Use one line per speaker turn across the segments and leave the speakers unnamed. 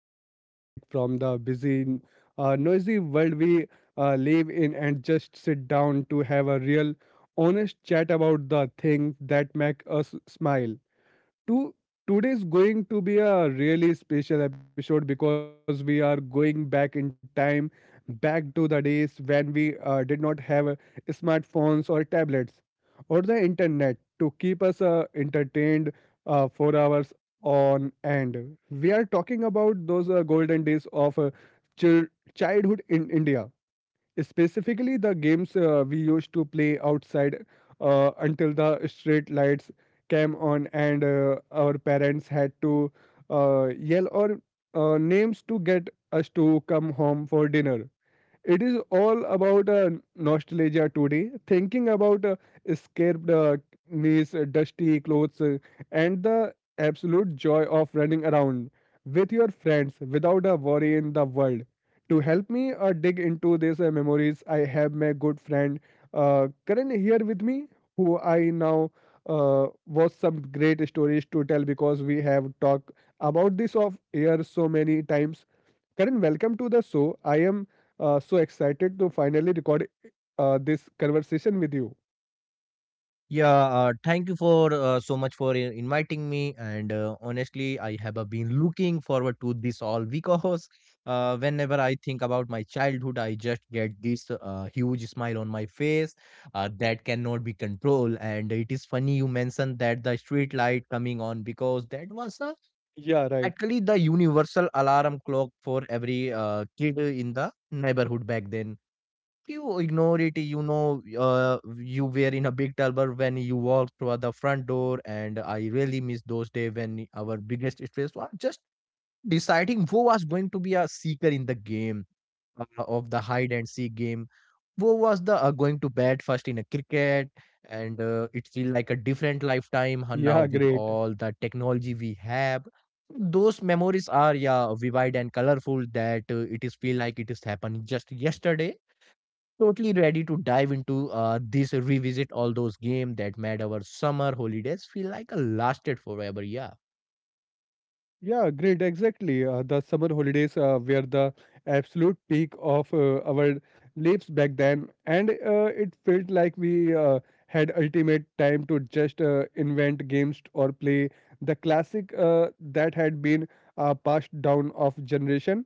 we take a break from the busy, noisy world we live in and just sit down to have a real, honest chat about the things that make us smile. To today's going to be a really special episode because we are going back in time, back to the days when we did not have smartphones or tablets or the internet to keep us entertained for hours on end. We are talking about those golden days of chil- childhood in India. Specifically, the games we used to play outside until the street lights came on and our parents had to yell or, names to get us to come home for dinner. It is all about nostalgia today, thinking about escaped knees, dusty clothes, and the absolute joy of running around with your friends without a worry in the world. To help me dig into these memories, I have my good friend Karan here with me, who I now was some great stories to tell because we have talked about this off air so many times. Karan, welcome to the show. I am so excited to finally record this conversation with you.
Yeah, thank you for so much for inviting me. And honestly, I have been looking forward to this all because whenever I think about my childhood, I just get this huge smile on my face that cannot be controlled. And it is funny you mentioned that the street light coming on because that was
Yeah, right.
actually the universal alarm clock for every kid in the neighborhood back then you ignore it, you were in a big trouble when you walked through the front door, and I really miss those days when our biggest stress was just deciding who was going to be a seeker in the game of the hide and seek game, who was the going to bat first in a cricket, and it feel like a different lifetime now
Yeah,
with
great.
all the technology we have. Those memories are yeah vivid and colorful that it is feel like it is happened just yesterday totally ready to dive into this revisit all those games that made our summer holidays feel like a lasted forever. Yeah,
Yeah, great. Exactly. The summer holidays were the absolute peak of our lives back then, and it felt like we had ultimate time to just invent games or play the classic that had been passed down of generation.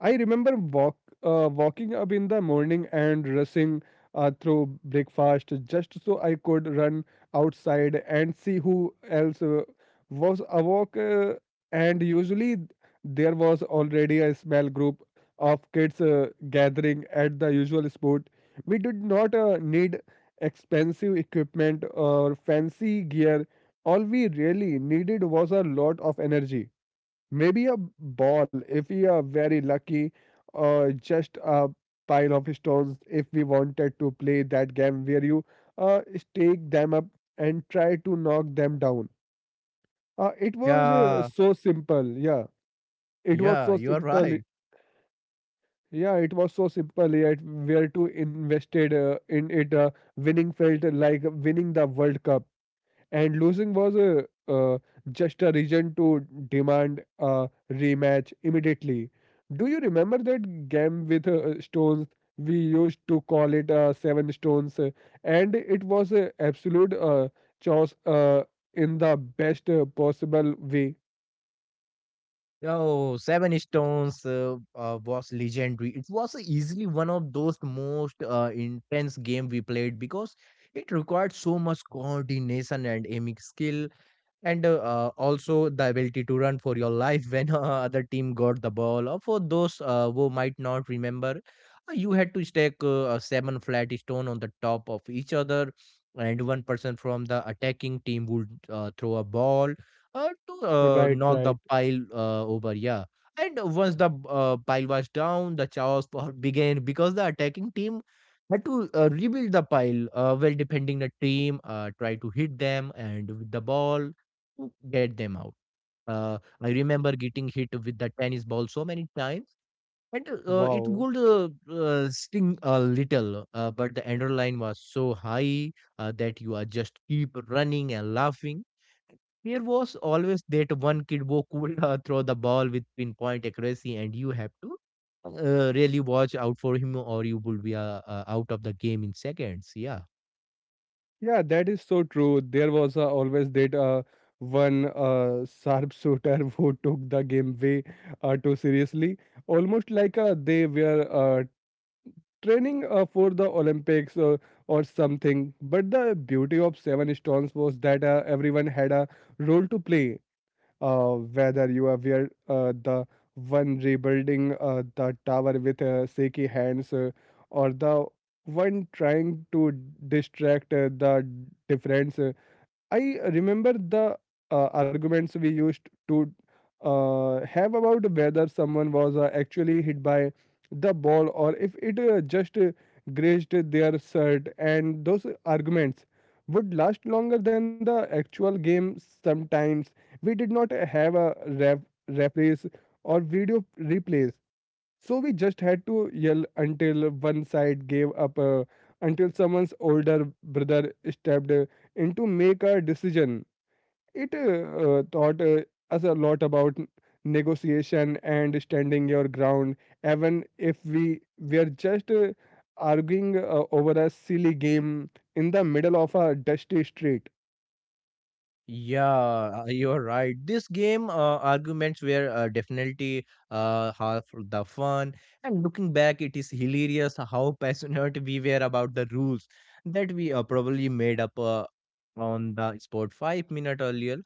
I remember walking up in the morning and rushing through breakfast just so I could run outside and see who else was awake. And usually there was already a small group of kids gathering at the usual spot. We did not need expensive equipment or fancy gear. All we really needed was a lot of energy. Maybe a ball if we are very lucky, or just a pile of stones if we wanted to play that game where you stake them up and try to knock them down. It was
yeah,
so simple. Yeah, it was
yeah,
so
you are
simple.
right.
Yeah, it was so simple. Yet where to invested in it, winning felt like winning the World Cup, and losing was a uh, just a reason to demand a rematch immediately. Do you remember that game with stones? We used to call it seven stones, and it was a absolute chaos in the best possible way.
Oh, Seven Stones was legendary. It was easily one of those most intense game we played because it required so much coordination and aiming skill and also the ability to run for your life when other team got the ball or for those who might not remember you had to stack a seven flat stone on the top of each other and one person from the attacking team would throw a ball to
Right,
knock the
right.
pile over. Yeah, and once the pile was down the chaos began because the attacking team had to rebuild the pile while defending the team, try to hit them and with the ball to get them out. I remember getting hit with the tennis ball so many times, and it
Wow.
would sting a little, but the adrenaline was so high that you are just keep running and laughing. Here was always that one kid who could throw the ball with pinpoint accuracy, and you have to really watch out for him, or you would be out of the game in seconds. Yeah.
Yeah, that is so true. There was always that one sharpshooter who took the game way too seriously, almost like they were training for the Olympics or something. But the beauty of Seven Stones was that everyone had a role to play, whether you are were, the one rebuilding the tower with shaky hands, or the one trying to distract the difference. I remember the arguments we used to have about whether someone was actually hit by the ball or if it just grazed their shirt, and those arguments would last longer than the actual game. Sometimes we did not have a referees or video replays, so we just had to yell until one side gave up, until someone's older brother stepped in to make a decision. It taught us a lot about negotiation and standing your ground, even if we were just arguing over a silly game in the middle of a dusty street.
Yeah, you're right. This game arguments were definitely half the fun. And looking back, it is hilarious how passionate we were about the rules that we probably made up on the spot 5 minutes earlier.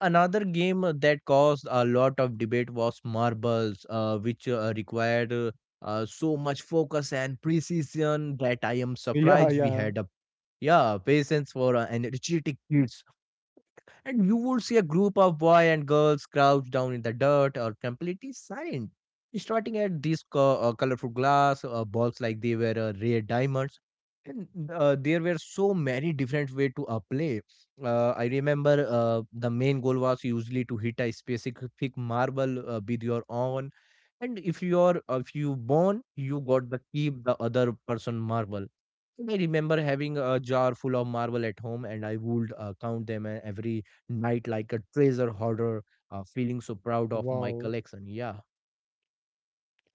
Another game that caused a lot of debate was marbles, which required so much focus and precision that I am
Yeah,
surprised we
yeah.
had a yeah, patience for energetic kids and you would see a group of boy and girls crouched down in the dirt or completely silent, starting at these colorful glass balls like they were rare diamonds. And there were so many different way to play. I remember the main goal was usually to hit a specific marble with your own and if you're if you won, you got the keep the other person marble. And I remember having a jar full of marble at home and I would count them every night like a treasure hoarder, feeling so proud of my
Wow.
collection. Yeah,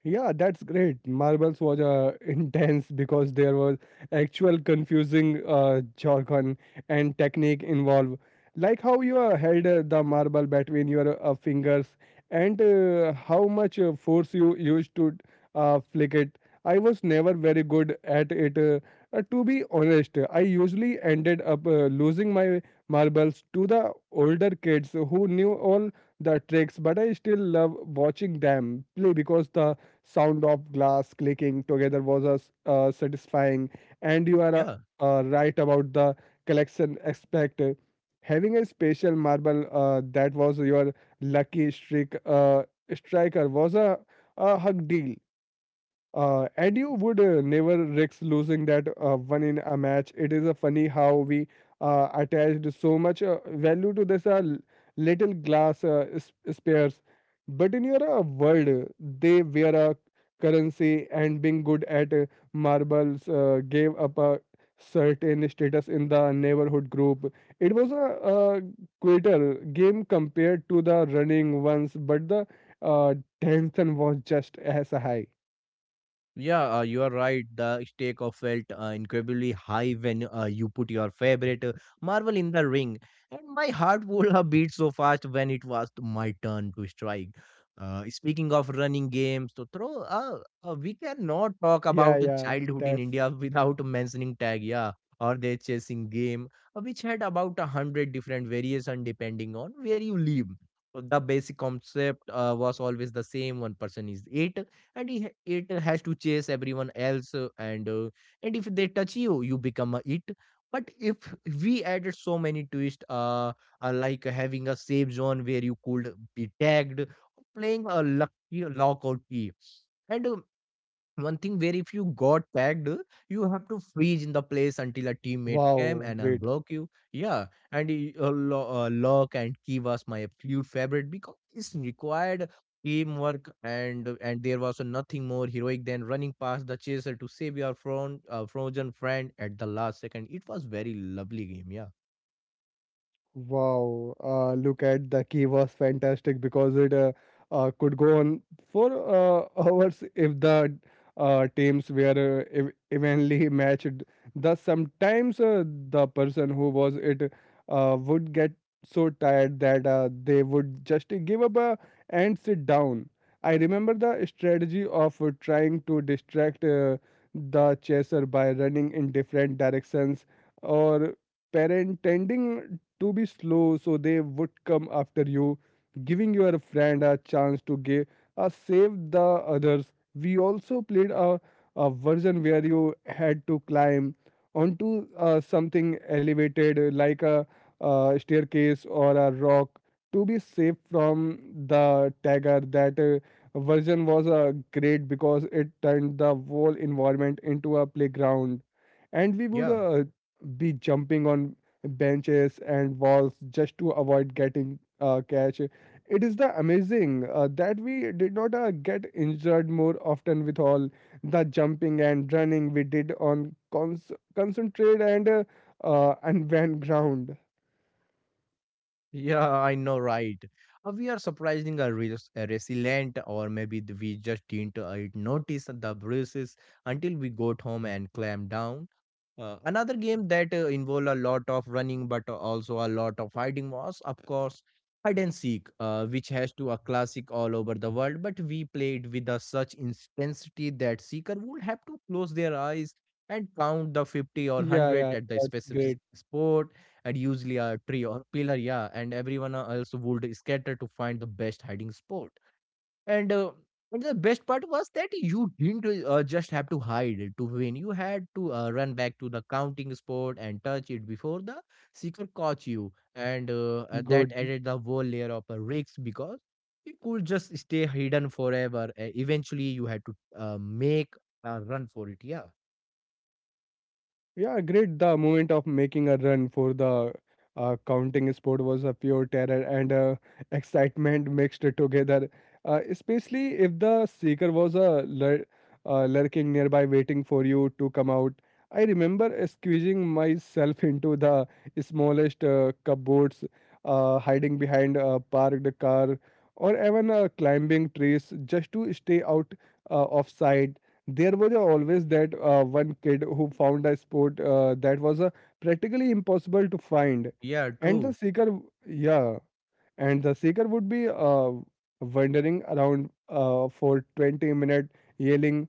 Yeah, that's great. Marbles was intense because there was actual confusing jargon and technique involved. Like how you held the marble between your fingers and how much force you used to flick it. I was never very good at it. To be honest, I usually ended up losing my marbles to the older kids who knew all the tricks, but I still love watching them play because the sound of glass clicking together was satisfying, and you are
yeah,
right about the collection aspect. Having a special marble that was your lucky streak striker was a hug deal, and you would never risk losing that one in a match. It is a funny how we attached so much value to this little glass spares. But in your world, they were a currency, and being good at marbles gave up a certain status in the neighborhood group. It was a quitter game compared to the running ones, but the uh, tension was just as high.
yeah, you are right. The stake of felt incredibly high when you put your favorite Marvel in the ring, and my heart would have beat so fast when it was my turn to strike. Speaking of running games, to throw, we cannot talk
Yeah,
about
yeah,
childhood in
that's
India without mentioning tag, yeah, or the chasing game, which had about a hundred different variation depending on where you live. So the basic concept was always the same. One person is it, and it has to chase everyone else and if they touch you you become a it but if we added so many twists like having a safe zone where you could be tagged playing a lucky lockout key and one thing where if you got tagged, you have to freeze in the place until a teammate came
wow,
and
great.
unblock you. Yeah, and lock and key was my absolute favorite because it's required teamwork and there was nothing more heroic than running past the chaser to save your frozen friend at the last second. It was very lovely game. Yeah,
Wow, look at the key was fantastic because it could go on for hours if the teams were evenly matched. Thus, sometimes the person who was it would get so tired that they would just give up and sit down. I remember the strategy of trying to distract the chaser by running in different directions or pretending to be slow so they would come after you, giving your friend a chance to give a save the others. We also played a version where you had to climb onto something elevated like a staircase or a rock to be safe from the tiger. That version was great because it turned the whole environment into a playground, and we would
yeah.
be jumping on benches and walls just to avoid getting catch. It is the amazing that we did not get injured more often with all the jumping and running we did on concentrate and went ground.
Yeah, I know, right? We are surprising a, a resilient, or maybe we just didn't notice the bruises until we got home and clamped down. Another game that involved a lot of running but also a lot of hiding was, of course, hide and seek, which has to a classic all over the world. But we played with a such intensity that seeker would have to close their eyes and count the 50 or
Yeah,
100
yeah,
at the
that's
specific
great.
spot and usually a tree or pillar, yeah, and everyone else would scatter to find the best hiding spot and and the best part was that you didn't just have to hide to win you had to run back to the counting spot and touch it before the seeker caught you and that
Good.
added the whole layer of risks because you could just stay hidden forever eventually you had to make a run for it. Yeah,
Yeah, great. The moment of making a run for the counting sport was a pure terror and excitement mixed together, especially if the seeker was lurking nearby waiting for you to come out. I remember squeezing myself into the smallest cupboards, hiding behind a parked car, or even climbing trees just to stay out of sight. There was always that one kid who found a sport that was practically impossible to find.
yeah,
And the
true.
seeker w- Yeah, and the seeker would be wandering around for 20 minutes yelling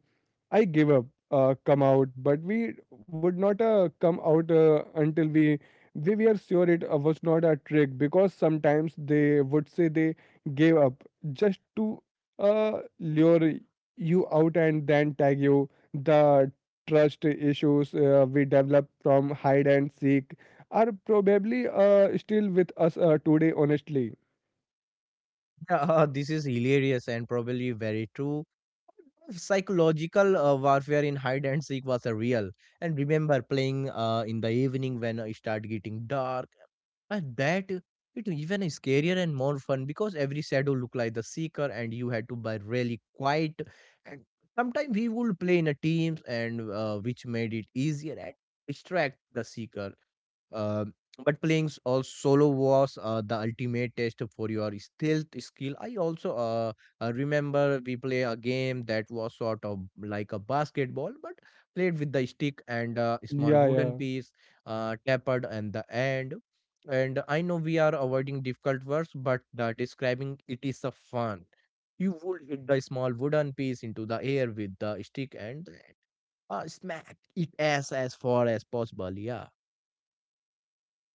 I gave up, come out, but we would not come out until we were sure it was not a trick because sometimes they would say they gave up just to lure you out and then tag you. The trust issues we develop from hide and seek are probably still with us today, honestly.
Yeah, this is hilarious and probably very true psychological warfare in hide and seek was real. And remember playing in the evening when it started getting dark. And that it even is scarier and more fun because every shadow looked like the seeker and you had to buy really quiet. And sometimes we would play in a teams and which made it easier and distract the seeker uh, but playing solo was the ultimate test for your stealth skill. I also remember we play a game that was sort of like a basketball, but played with the stick and a small
Yeah,
wooden
yeah.
piece, tapered and the end. And I know we are avoiding difficult words, but the describing it is a fun. You would hit the small wooden piece into the air with the stick and smack it as far as possible. Yeah,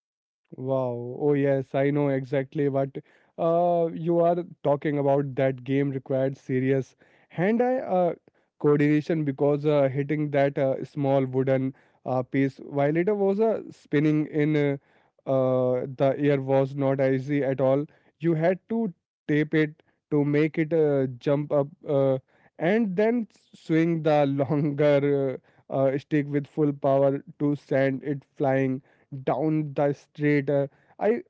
Wow. Oh, yes, I know exactly what you are talking about. That game required serious hand eye coordination because hitting that small wooden piece while it was spinning in the air was not easy at all. You had to tape it to make it jump up and then swing the longer stick with full power to send it flying down the street. I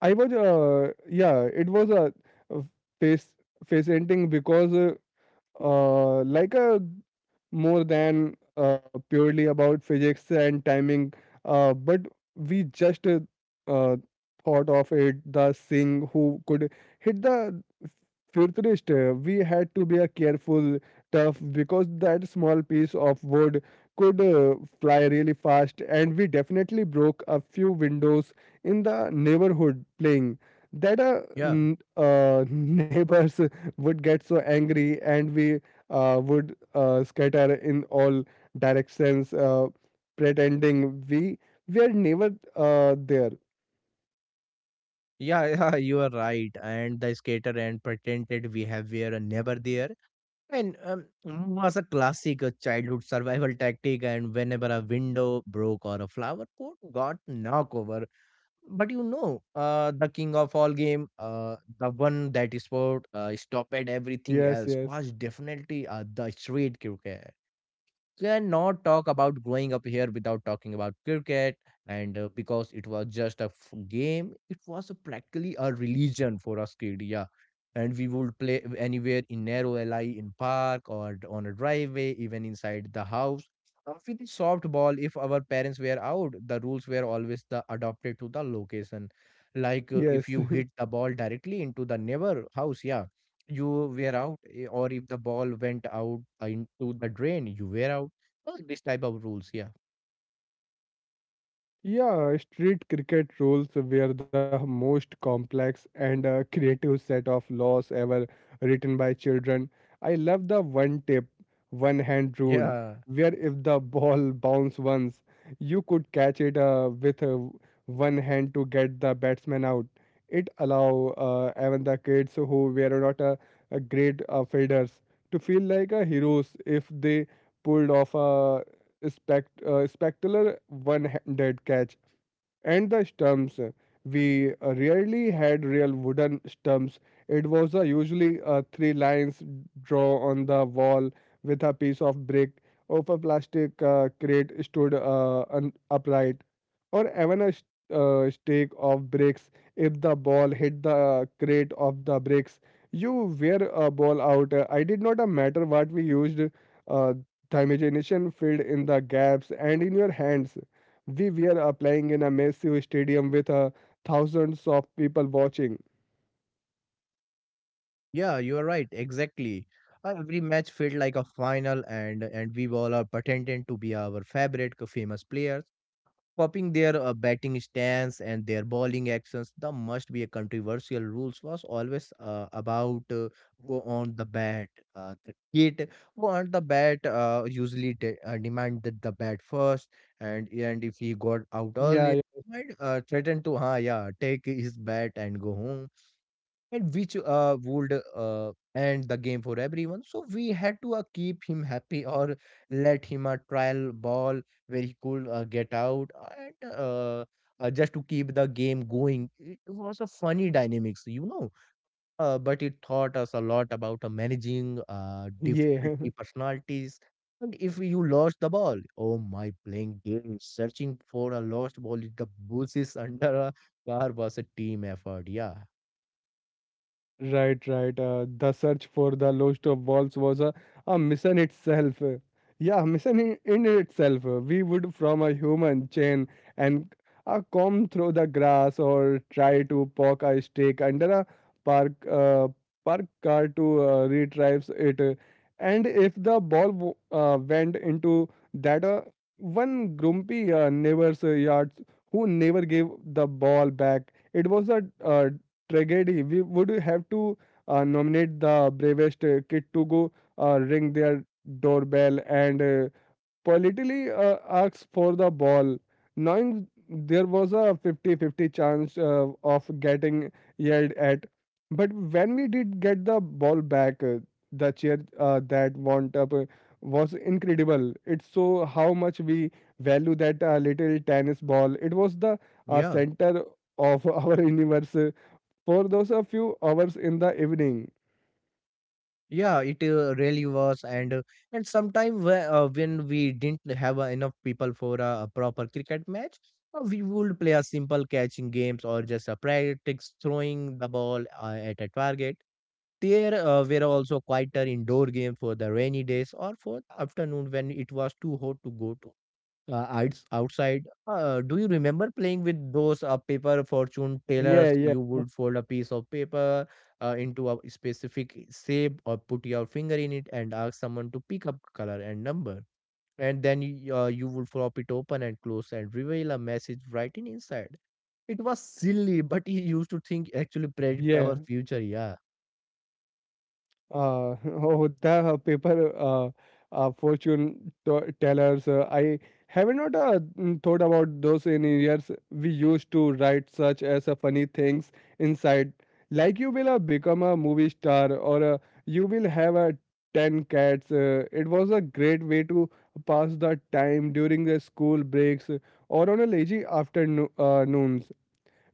I was yeah, it was a uh, face face ending because like a more than purely about physics and timing. But we just uh, thought of it the thing who could hit the futurist. We had to be a careful, tough because that small piece of wood could fly really fast, and we definitely broke a few windows in the neighborhood playing. That
yeah.
neighbors would get so angry, and we would scatter in all directions, pretending we were never there.
Yeah, yeah, you are right. And the skater and pretended we have were never there. And was a classic childhood survival tactic. And whenever a window broke or a flower pot got knocked over, but you know, the king of all game, the one that is sport, stopped at everything
Yes,
else
yes,
was definitely the street cricket cannot talk about growing up here without talking about cricket and because it was just a game it was practically a religion for us kid, yeah, and we would play anywhere in narrow alley in park or on a driveway even inside the house with the softball if our parents were out the rules were always the adopted to the location like
yes.
if you hit the ball directly into the neighbor house, yeah, you were out, eh, or if the ball went out into the drain you were out. Oh, this type of rules, yeah.
Yeah, street cricket rules were the most complex and creative set of laws ever written by children. I love the one tip, one hand rule,
Yeah,
where if the ball bounced once, you could catch it with one hand to get the batsman out. It allowed even the kids who were not great fielders to feel like heroes if they pulled off a spectacular one-handed catch and the stumps. We rarely had real wooden stumps. It was usually three lines drawn on the wall with a piece of brick of a plastic crate stood upright, or even a stake of bricks. If the ball hit the crate of the bricks, you wear a ball out. I did not matter what we used. Uh, the imagination filled in the gaps and in your hands we were playing in a massive stadium with thousands of people watching.
yeah, you are right. Exactly. Every match felt like a final, and we all are pretending to be our favorite famous players, copying their batting stance and their bowling actions. The must be a controversial rules was always about who on the bat. The kid who on the bat usually de demanded the bat first, and if he got out
Yeah,
early, might threaten to, yeah, take his bat and go home and which would end the game for everyone. So we had to keep him happy or let him a trial ball where he could get out and just to keep the game going. It was a funny dynamics, you know. But it taught us a lot about managing
yeah, yeah.
difficulty personalities. And if you lost the ball, oh my, playing games, searching for a lost ball in the bushes under a car was a team effort. Yeah,
Right, right. The search for the Lost of Walls was a mission itself. Yeah, mission in itself. We would from a human chain and comb through the grass or try to poke a stick under a park uh, park car to retrieve it. And if the ball went into that one grumpy neighbor's yards who never gave the ball back, it was a tragedy. We would have to nominate the bravest kid to go ring their doorbell and politely ask for the ball, knowing there was a 50-50 chance of getting yelled at. But when we did get the ball back, the cheer that went up was incredible. It so how much we value that little tennis ball. It was the
yeah.
center of our universe for those a few hours in the evening.
Yeah, it really was, and sometimes when we didn't have enough people for a proper cricket match, we would play a simple catching games or just a practice throwing the ball at a target. There were also quieter indoor games for the rainy days or for the afternoon when it was too hot to go to outside. Do you remember playing with those paper fortune tellers?
Yeah, yeah,
You would fold a piece of paper into a specific shape or put your finger in it and ask someone to pick up color and number. And then you would flop it open and close and reveal a message written inside. It was silly, but he used to think actually predict
yeah.
our future. Yeah,
Uh, oh, the paper fortune tellers. I have not thought about those in years. We used to write such as funny things inside, like you will become a movie star or you will have a ten cats. It was a great way to pass the time during the school breaks or on a lazy afternoon. Noons.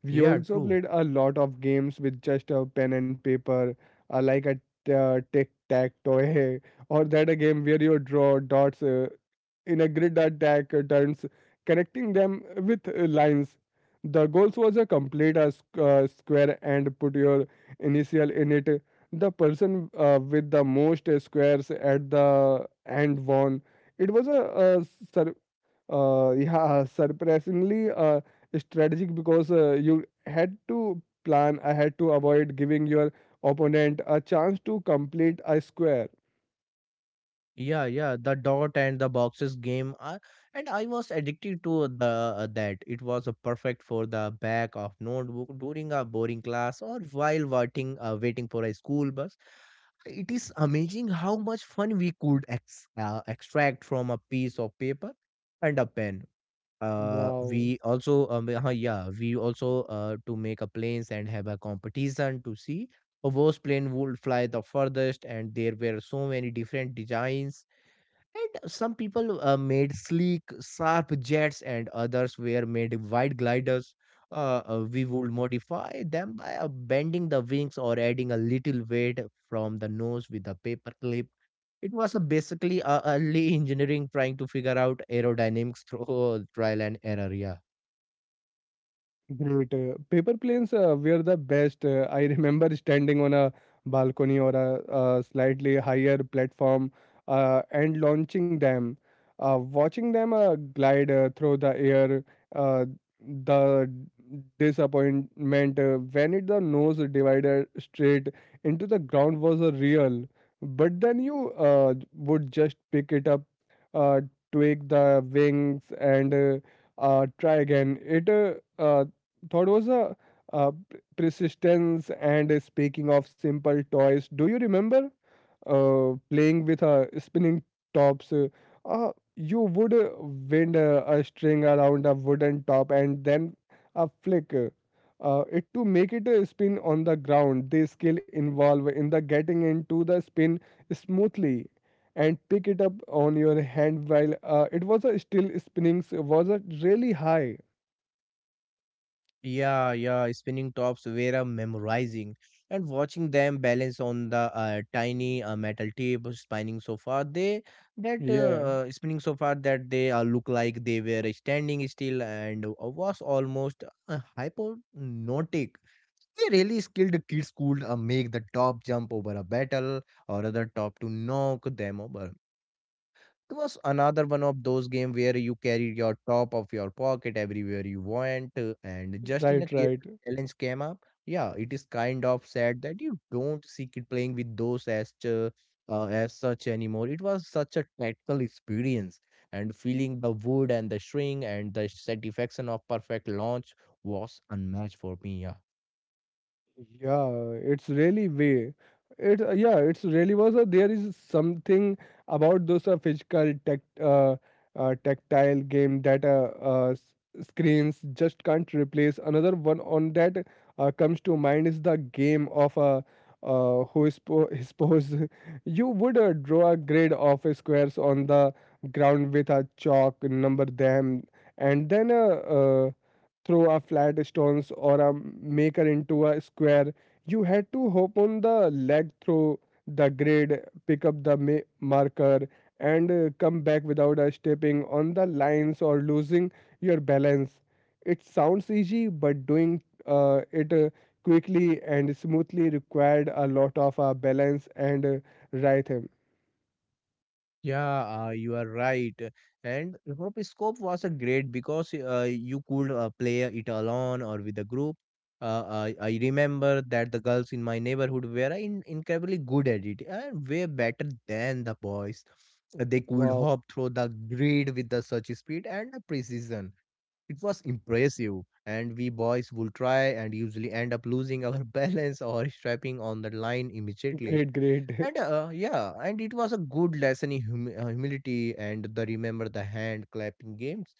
We
yeah,
also
true.
played a lot of games with just a pen and paper, like a tic-tac-toe, or that a game where you draw dots in a grid attack turns, connecting them with lines. The goals was a complete a square and put your initial in it. The person with the most squares at the end won. It was a sur- yeah, surprisingly strategic because you had to plan ahead to avoid giving your opponent a chance to complete a square.
Yeah, yeah, the dot and the boxes game, and I was addicted to the that. It was perfect for the back of notebook during a boring class or while waiting for a school bus. It is amazing how much fun we could extract from a piece of paper and a pen.
Wow.
We also to make a planes and have a competition to see a plane would fly the furthest, and there were so many different designs and some people made sleek, sharp jets, and others were made wide gliders. We would modify them by bending the wings or adding a little weight from the nose with a paper clip. It was basically early engineering trying to figure out aerodynamics through trial and error. Yeah.
Great. Paper planes were the best. I remember standing on a balcony or a slightly higher platform and launching them. Watching them glide through the air, uh, the disappointment when it the nose divided straight into the ground was real. But then you would just pick it up, uh, tweak the wings, and try again. It uh, thought was persistence and speaking of simple toys, do you remember playing with spinning tops? Uh, you would wind a string around a wooden top and then a flick it to make it spin on the ground. They skill involved in the getting into the spin smoothly and pick it up on your hand while it was a still spinning was a really high.
Yeah, yeah, spinning tops were memorizing, and watching them balance on the tiny metal tube spinning so far they that
Yeah,
spinning so far that they look like they were standing still, and was almost hypnotic. They really skilled kids could make the top jump over a battle or other top to knock them over. It was another one of those games where you carry your top of your pocket everywhere you want, and just in a
right,
case
right.
a challenge came up, yeah, it is kind of sad that you don't see kid playing with those as such anymore. It was such a tactile experience, and feeling the wood and the string and the satisfaction of perfect launch was unmatched for me. Yeah.
Yeah, it's really way. It yeah, it's really was there is something about those physical tech tactile game that screens just can't replace. Another one on that comes to mind is the game of who is is. You would draw a grid of squares on the ground with a chalk, number them, and then uh, throw a flat stones or a maker into a square. You had to hop on the leg through the grid, pick up the marker, and come back without stepping on the lines or losing your balance. It sounds easy, but doing it quickly and smoothly required a lot of balance and rhythm.
Yeah, you are right. And Rotoscope was a great because you could play it alone or with a group. I remember that the girls in my neighborhood were incredibly good at it and way better than the boys. They could
Wow.
hop through the grid with the such speed and the precision. It was impressive. And we boys would try and usually end up losing our balance or strapping on the line
Great,
immediately,
great.
and yeah, and it was a good lesson in humility. And the remember the hand clapping games.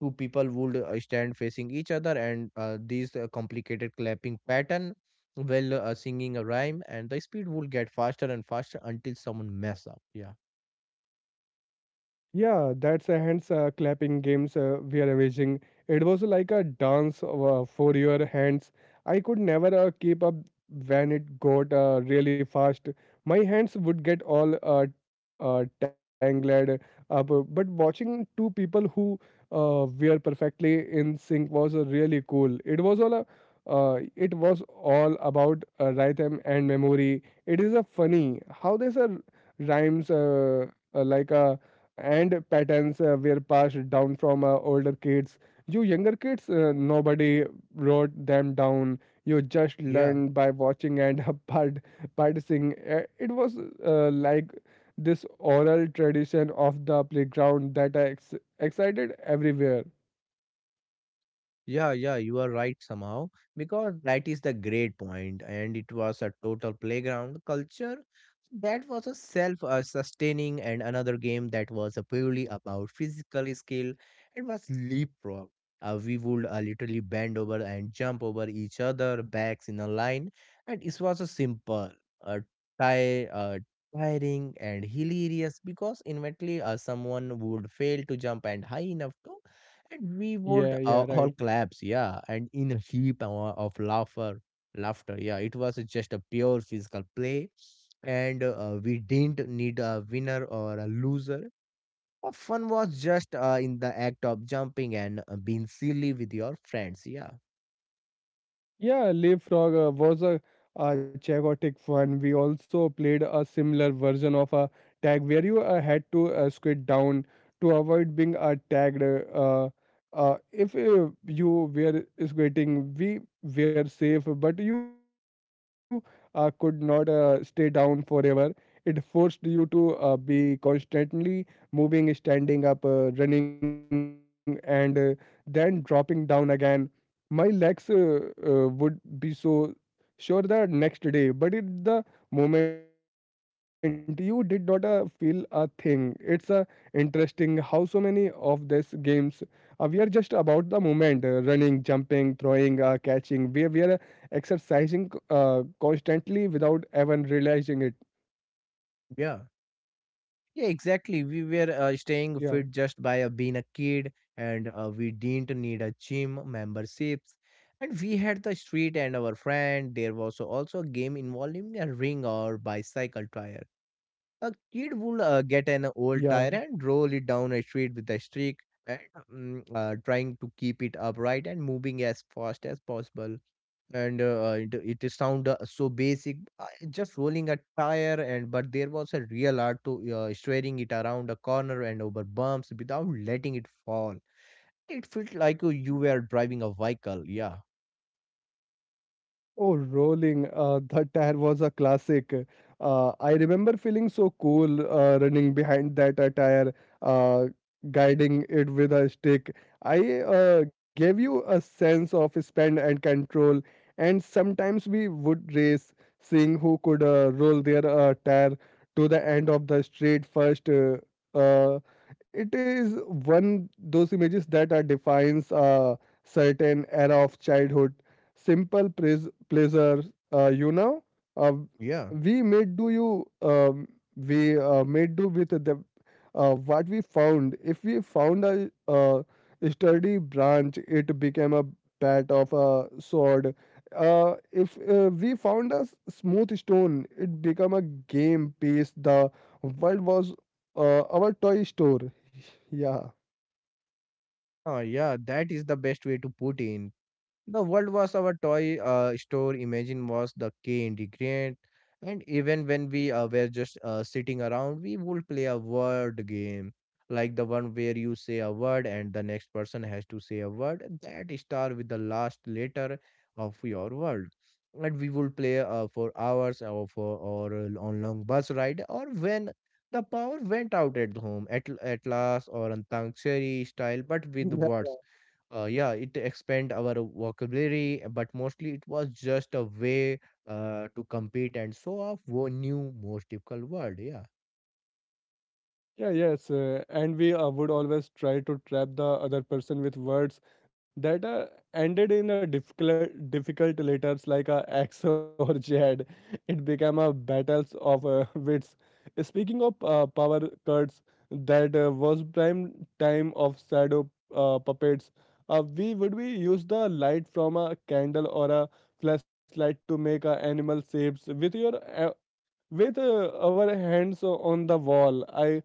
Two people would stand facing each other, and these complicated clapping pattern while singing a rhyme, and the speed would get faster and faster until someone mess up. Yeah,
Yeah, that's a hands clapping games we are arranging. It was like a dance for your hands. I could never keep up when it got really fast. My hands would get all tangled up. But watching two people who were perfectly in sync was really cool. It was all it was all about rhythm and memory. It is a funny how these are rhymes like a and patterns were passed down from older kids. You younger kids, nobody wrote them down. You just
yeah.
learned by watching and practicing. It was like this oral tradition of the playground that excited everywhere.
Yeah, yeah, you are right somehow because that is the great point, and it was a total playground culture that was a self sustaining, and another game that was a purely about physical skill. It was leapfrog. We would literally bend over and jump over each other backs in a line, and it was a simple, uh, tie, uh, tiring and hilarious because eventually someone would fail to jump and high enough and we would
Yeah, yeah,
all
right.
collapse, yeah, and in a of laughter, laughter, yeah. It was just a pure physical play, and we didn't need a winner or a loser. Our fun was just in the act of jumping and being silly with your friends, yeah,
Yeah, leapfrog was chaotic fun. We also played a similar version of a tag where you had to squid down to avoid being tagged. If you were squatting, we were safe, but you could not stay down forever. It forced you to be constantly moving, standing up, running, and then dropping down again. My legs would be so sure the next day, but it the moment you did not feel a thing. It's interesting how so many of these games we are just about the moment, running, jumping, throwing, catching. We are exercising constantly without even realizing it.
yeah. Yeah, exactly. We
Yeah,
were staying fit just by being a kid, and we didn't need a gym memberships. And we had the street and our friend. There was also a game involving a ring or bicycle tire. A kid would get an
yeah.
old tire and roll it down a street with a stick, and, trying to keep it upright and moving as fast as possible, and it is sound so basic, just rolling a tire, and but there was a real art to steering it around a corner and over bumps without letting it fall. It felt like you were driving a vehicle. Yeah,
Oh, rolling. That tire was a classic. I remember feeling so cool running behind that tire, uh, guiding it with a stick. I gave you a sense of span and control, and sometimes we would race, seeing who could roll their tire to the end of the street first. Uh, it is one those images that defines a certain era of childhood, simple pleasures, you know, uh,
yeah,
we may do we may do with the what we found. If we found a, sturdy branch, it became a bat of a sword. If we found a smooth stone, it became a game piece. The world was our toy store.
yeah, that is the best way to put in. The world was our toy store. Imagine was the key ingredient, and even when we were just sitting around, we would play a word game, like the one where you say a word and the next person has to say a word that start with the last letter of your word. And we would play for hours or for or on long bus ride or when the power went out at home at last or on Tangsheri style, but with
Yeah.
words. Yeah, it expand our vocabulary, but mostly it was just a way to compete and show off wo new most difficult word, yeah,
Yeah, yes, and we would always try to trap the other person with words that ended in a difficult letters like a X or Z. It became a battles of wits. Speaking of power cards, that was prime time of shadow puppets. We would be use the light from a candle or a flashlight to make animal shapes with your with our hands on the wall. I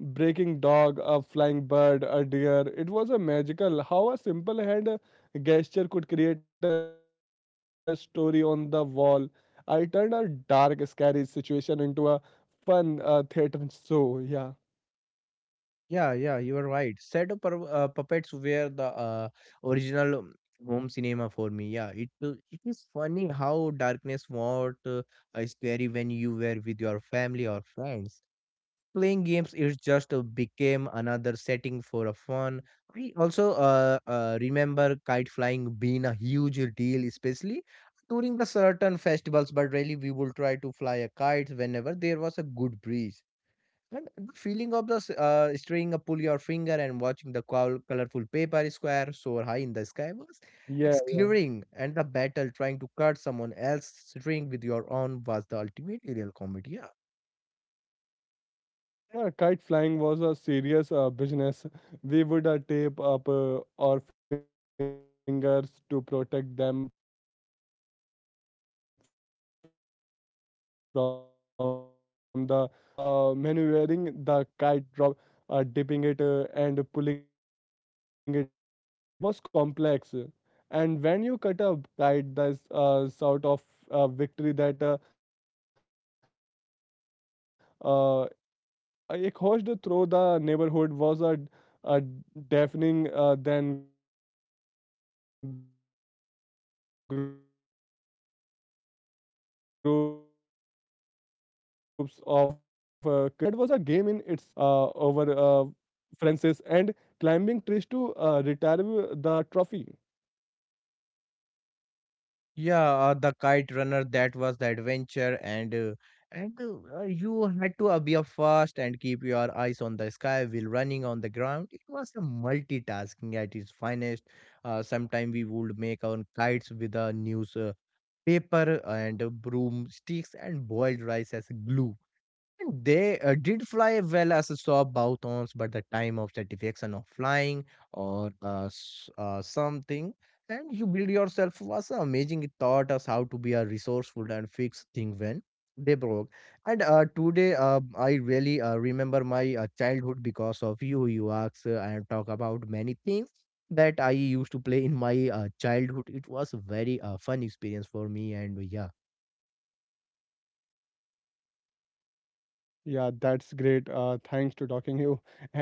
breaking dog, a flying bird, a deer. It was a magical how a simple hand gesture could create a story on the wall. I turned a dark, scary situation into a fun theater show.
yeah, yeah, you are right. Shadow puppets were the original home cinema for me, yeah. It it is funny how darkness what is scary when you were with your family or friends playing games is just became another setting for a fun. I also remember kite flying being a huge deal, especially during the certain festivals, but really we would try to fly a kite whenever there was a good breeze, and the feeling of the string a pull your finger and watching the colorful paper square soar high in the sky was
Yeah.
exclaiming, and the battle trying to cut someone else's string with your own was the ultimate aerial comedy.
Yeah, kite flying was a serious business. We would tape up our fingers to protect them from the sharp string. The strategy involved in maneuvering the kite, dipping it, and pulling it at the right moment to cut the opponent's string was complex. And when you cut a kite, that's sort of victory that uh, I host through the neighborhood was a deafening. Then groups of kids would run to catch the falling kite. That was a game in itself, chasing the differenting kite, jumping over fences, and climbing trees to retrieve the trophy.
Yeah, the kite runner, that was the adventure, and you had to be up fast and keep your eyes on the sky while running on the ground. It was a multitasking at its finest. Sometimes we would make our kites with a newspaper paper and broomsticks and boiled rice as glue. And they did fly well as a soft boutons, but the time of satisfaction of flying or something, and you build yourself was amazing. It taught us how to be a resourceful and fix thing when they broke. And today, I really remember my childhood because of you. You ask and talk about many things that I used to play in my childhood. It was a very fun experience for me, and yeah.
Yeah, that's great. Thanks to talking you, and thank you.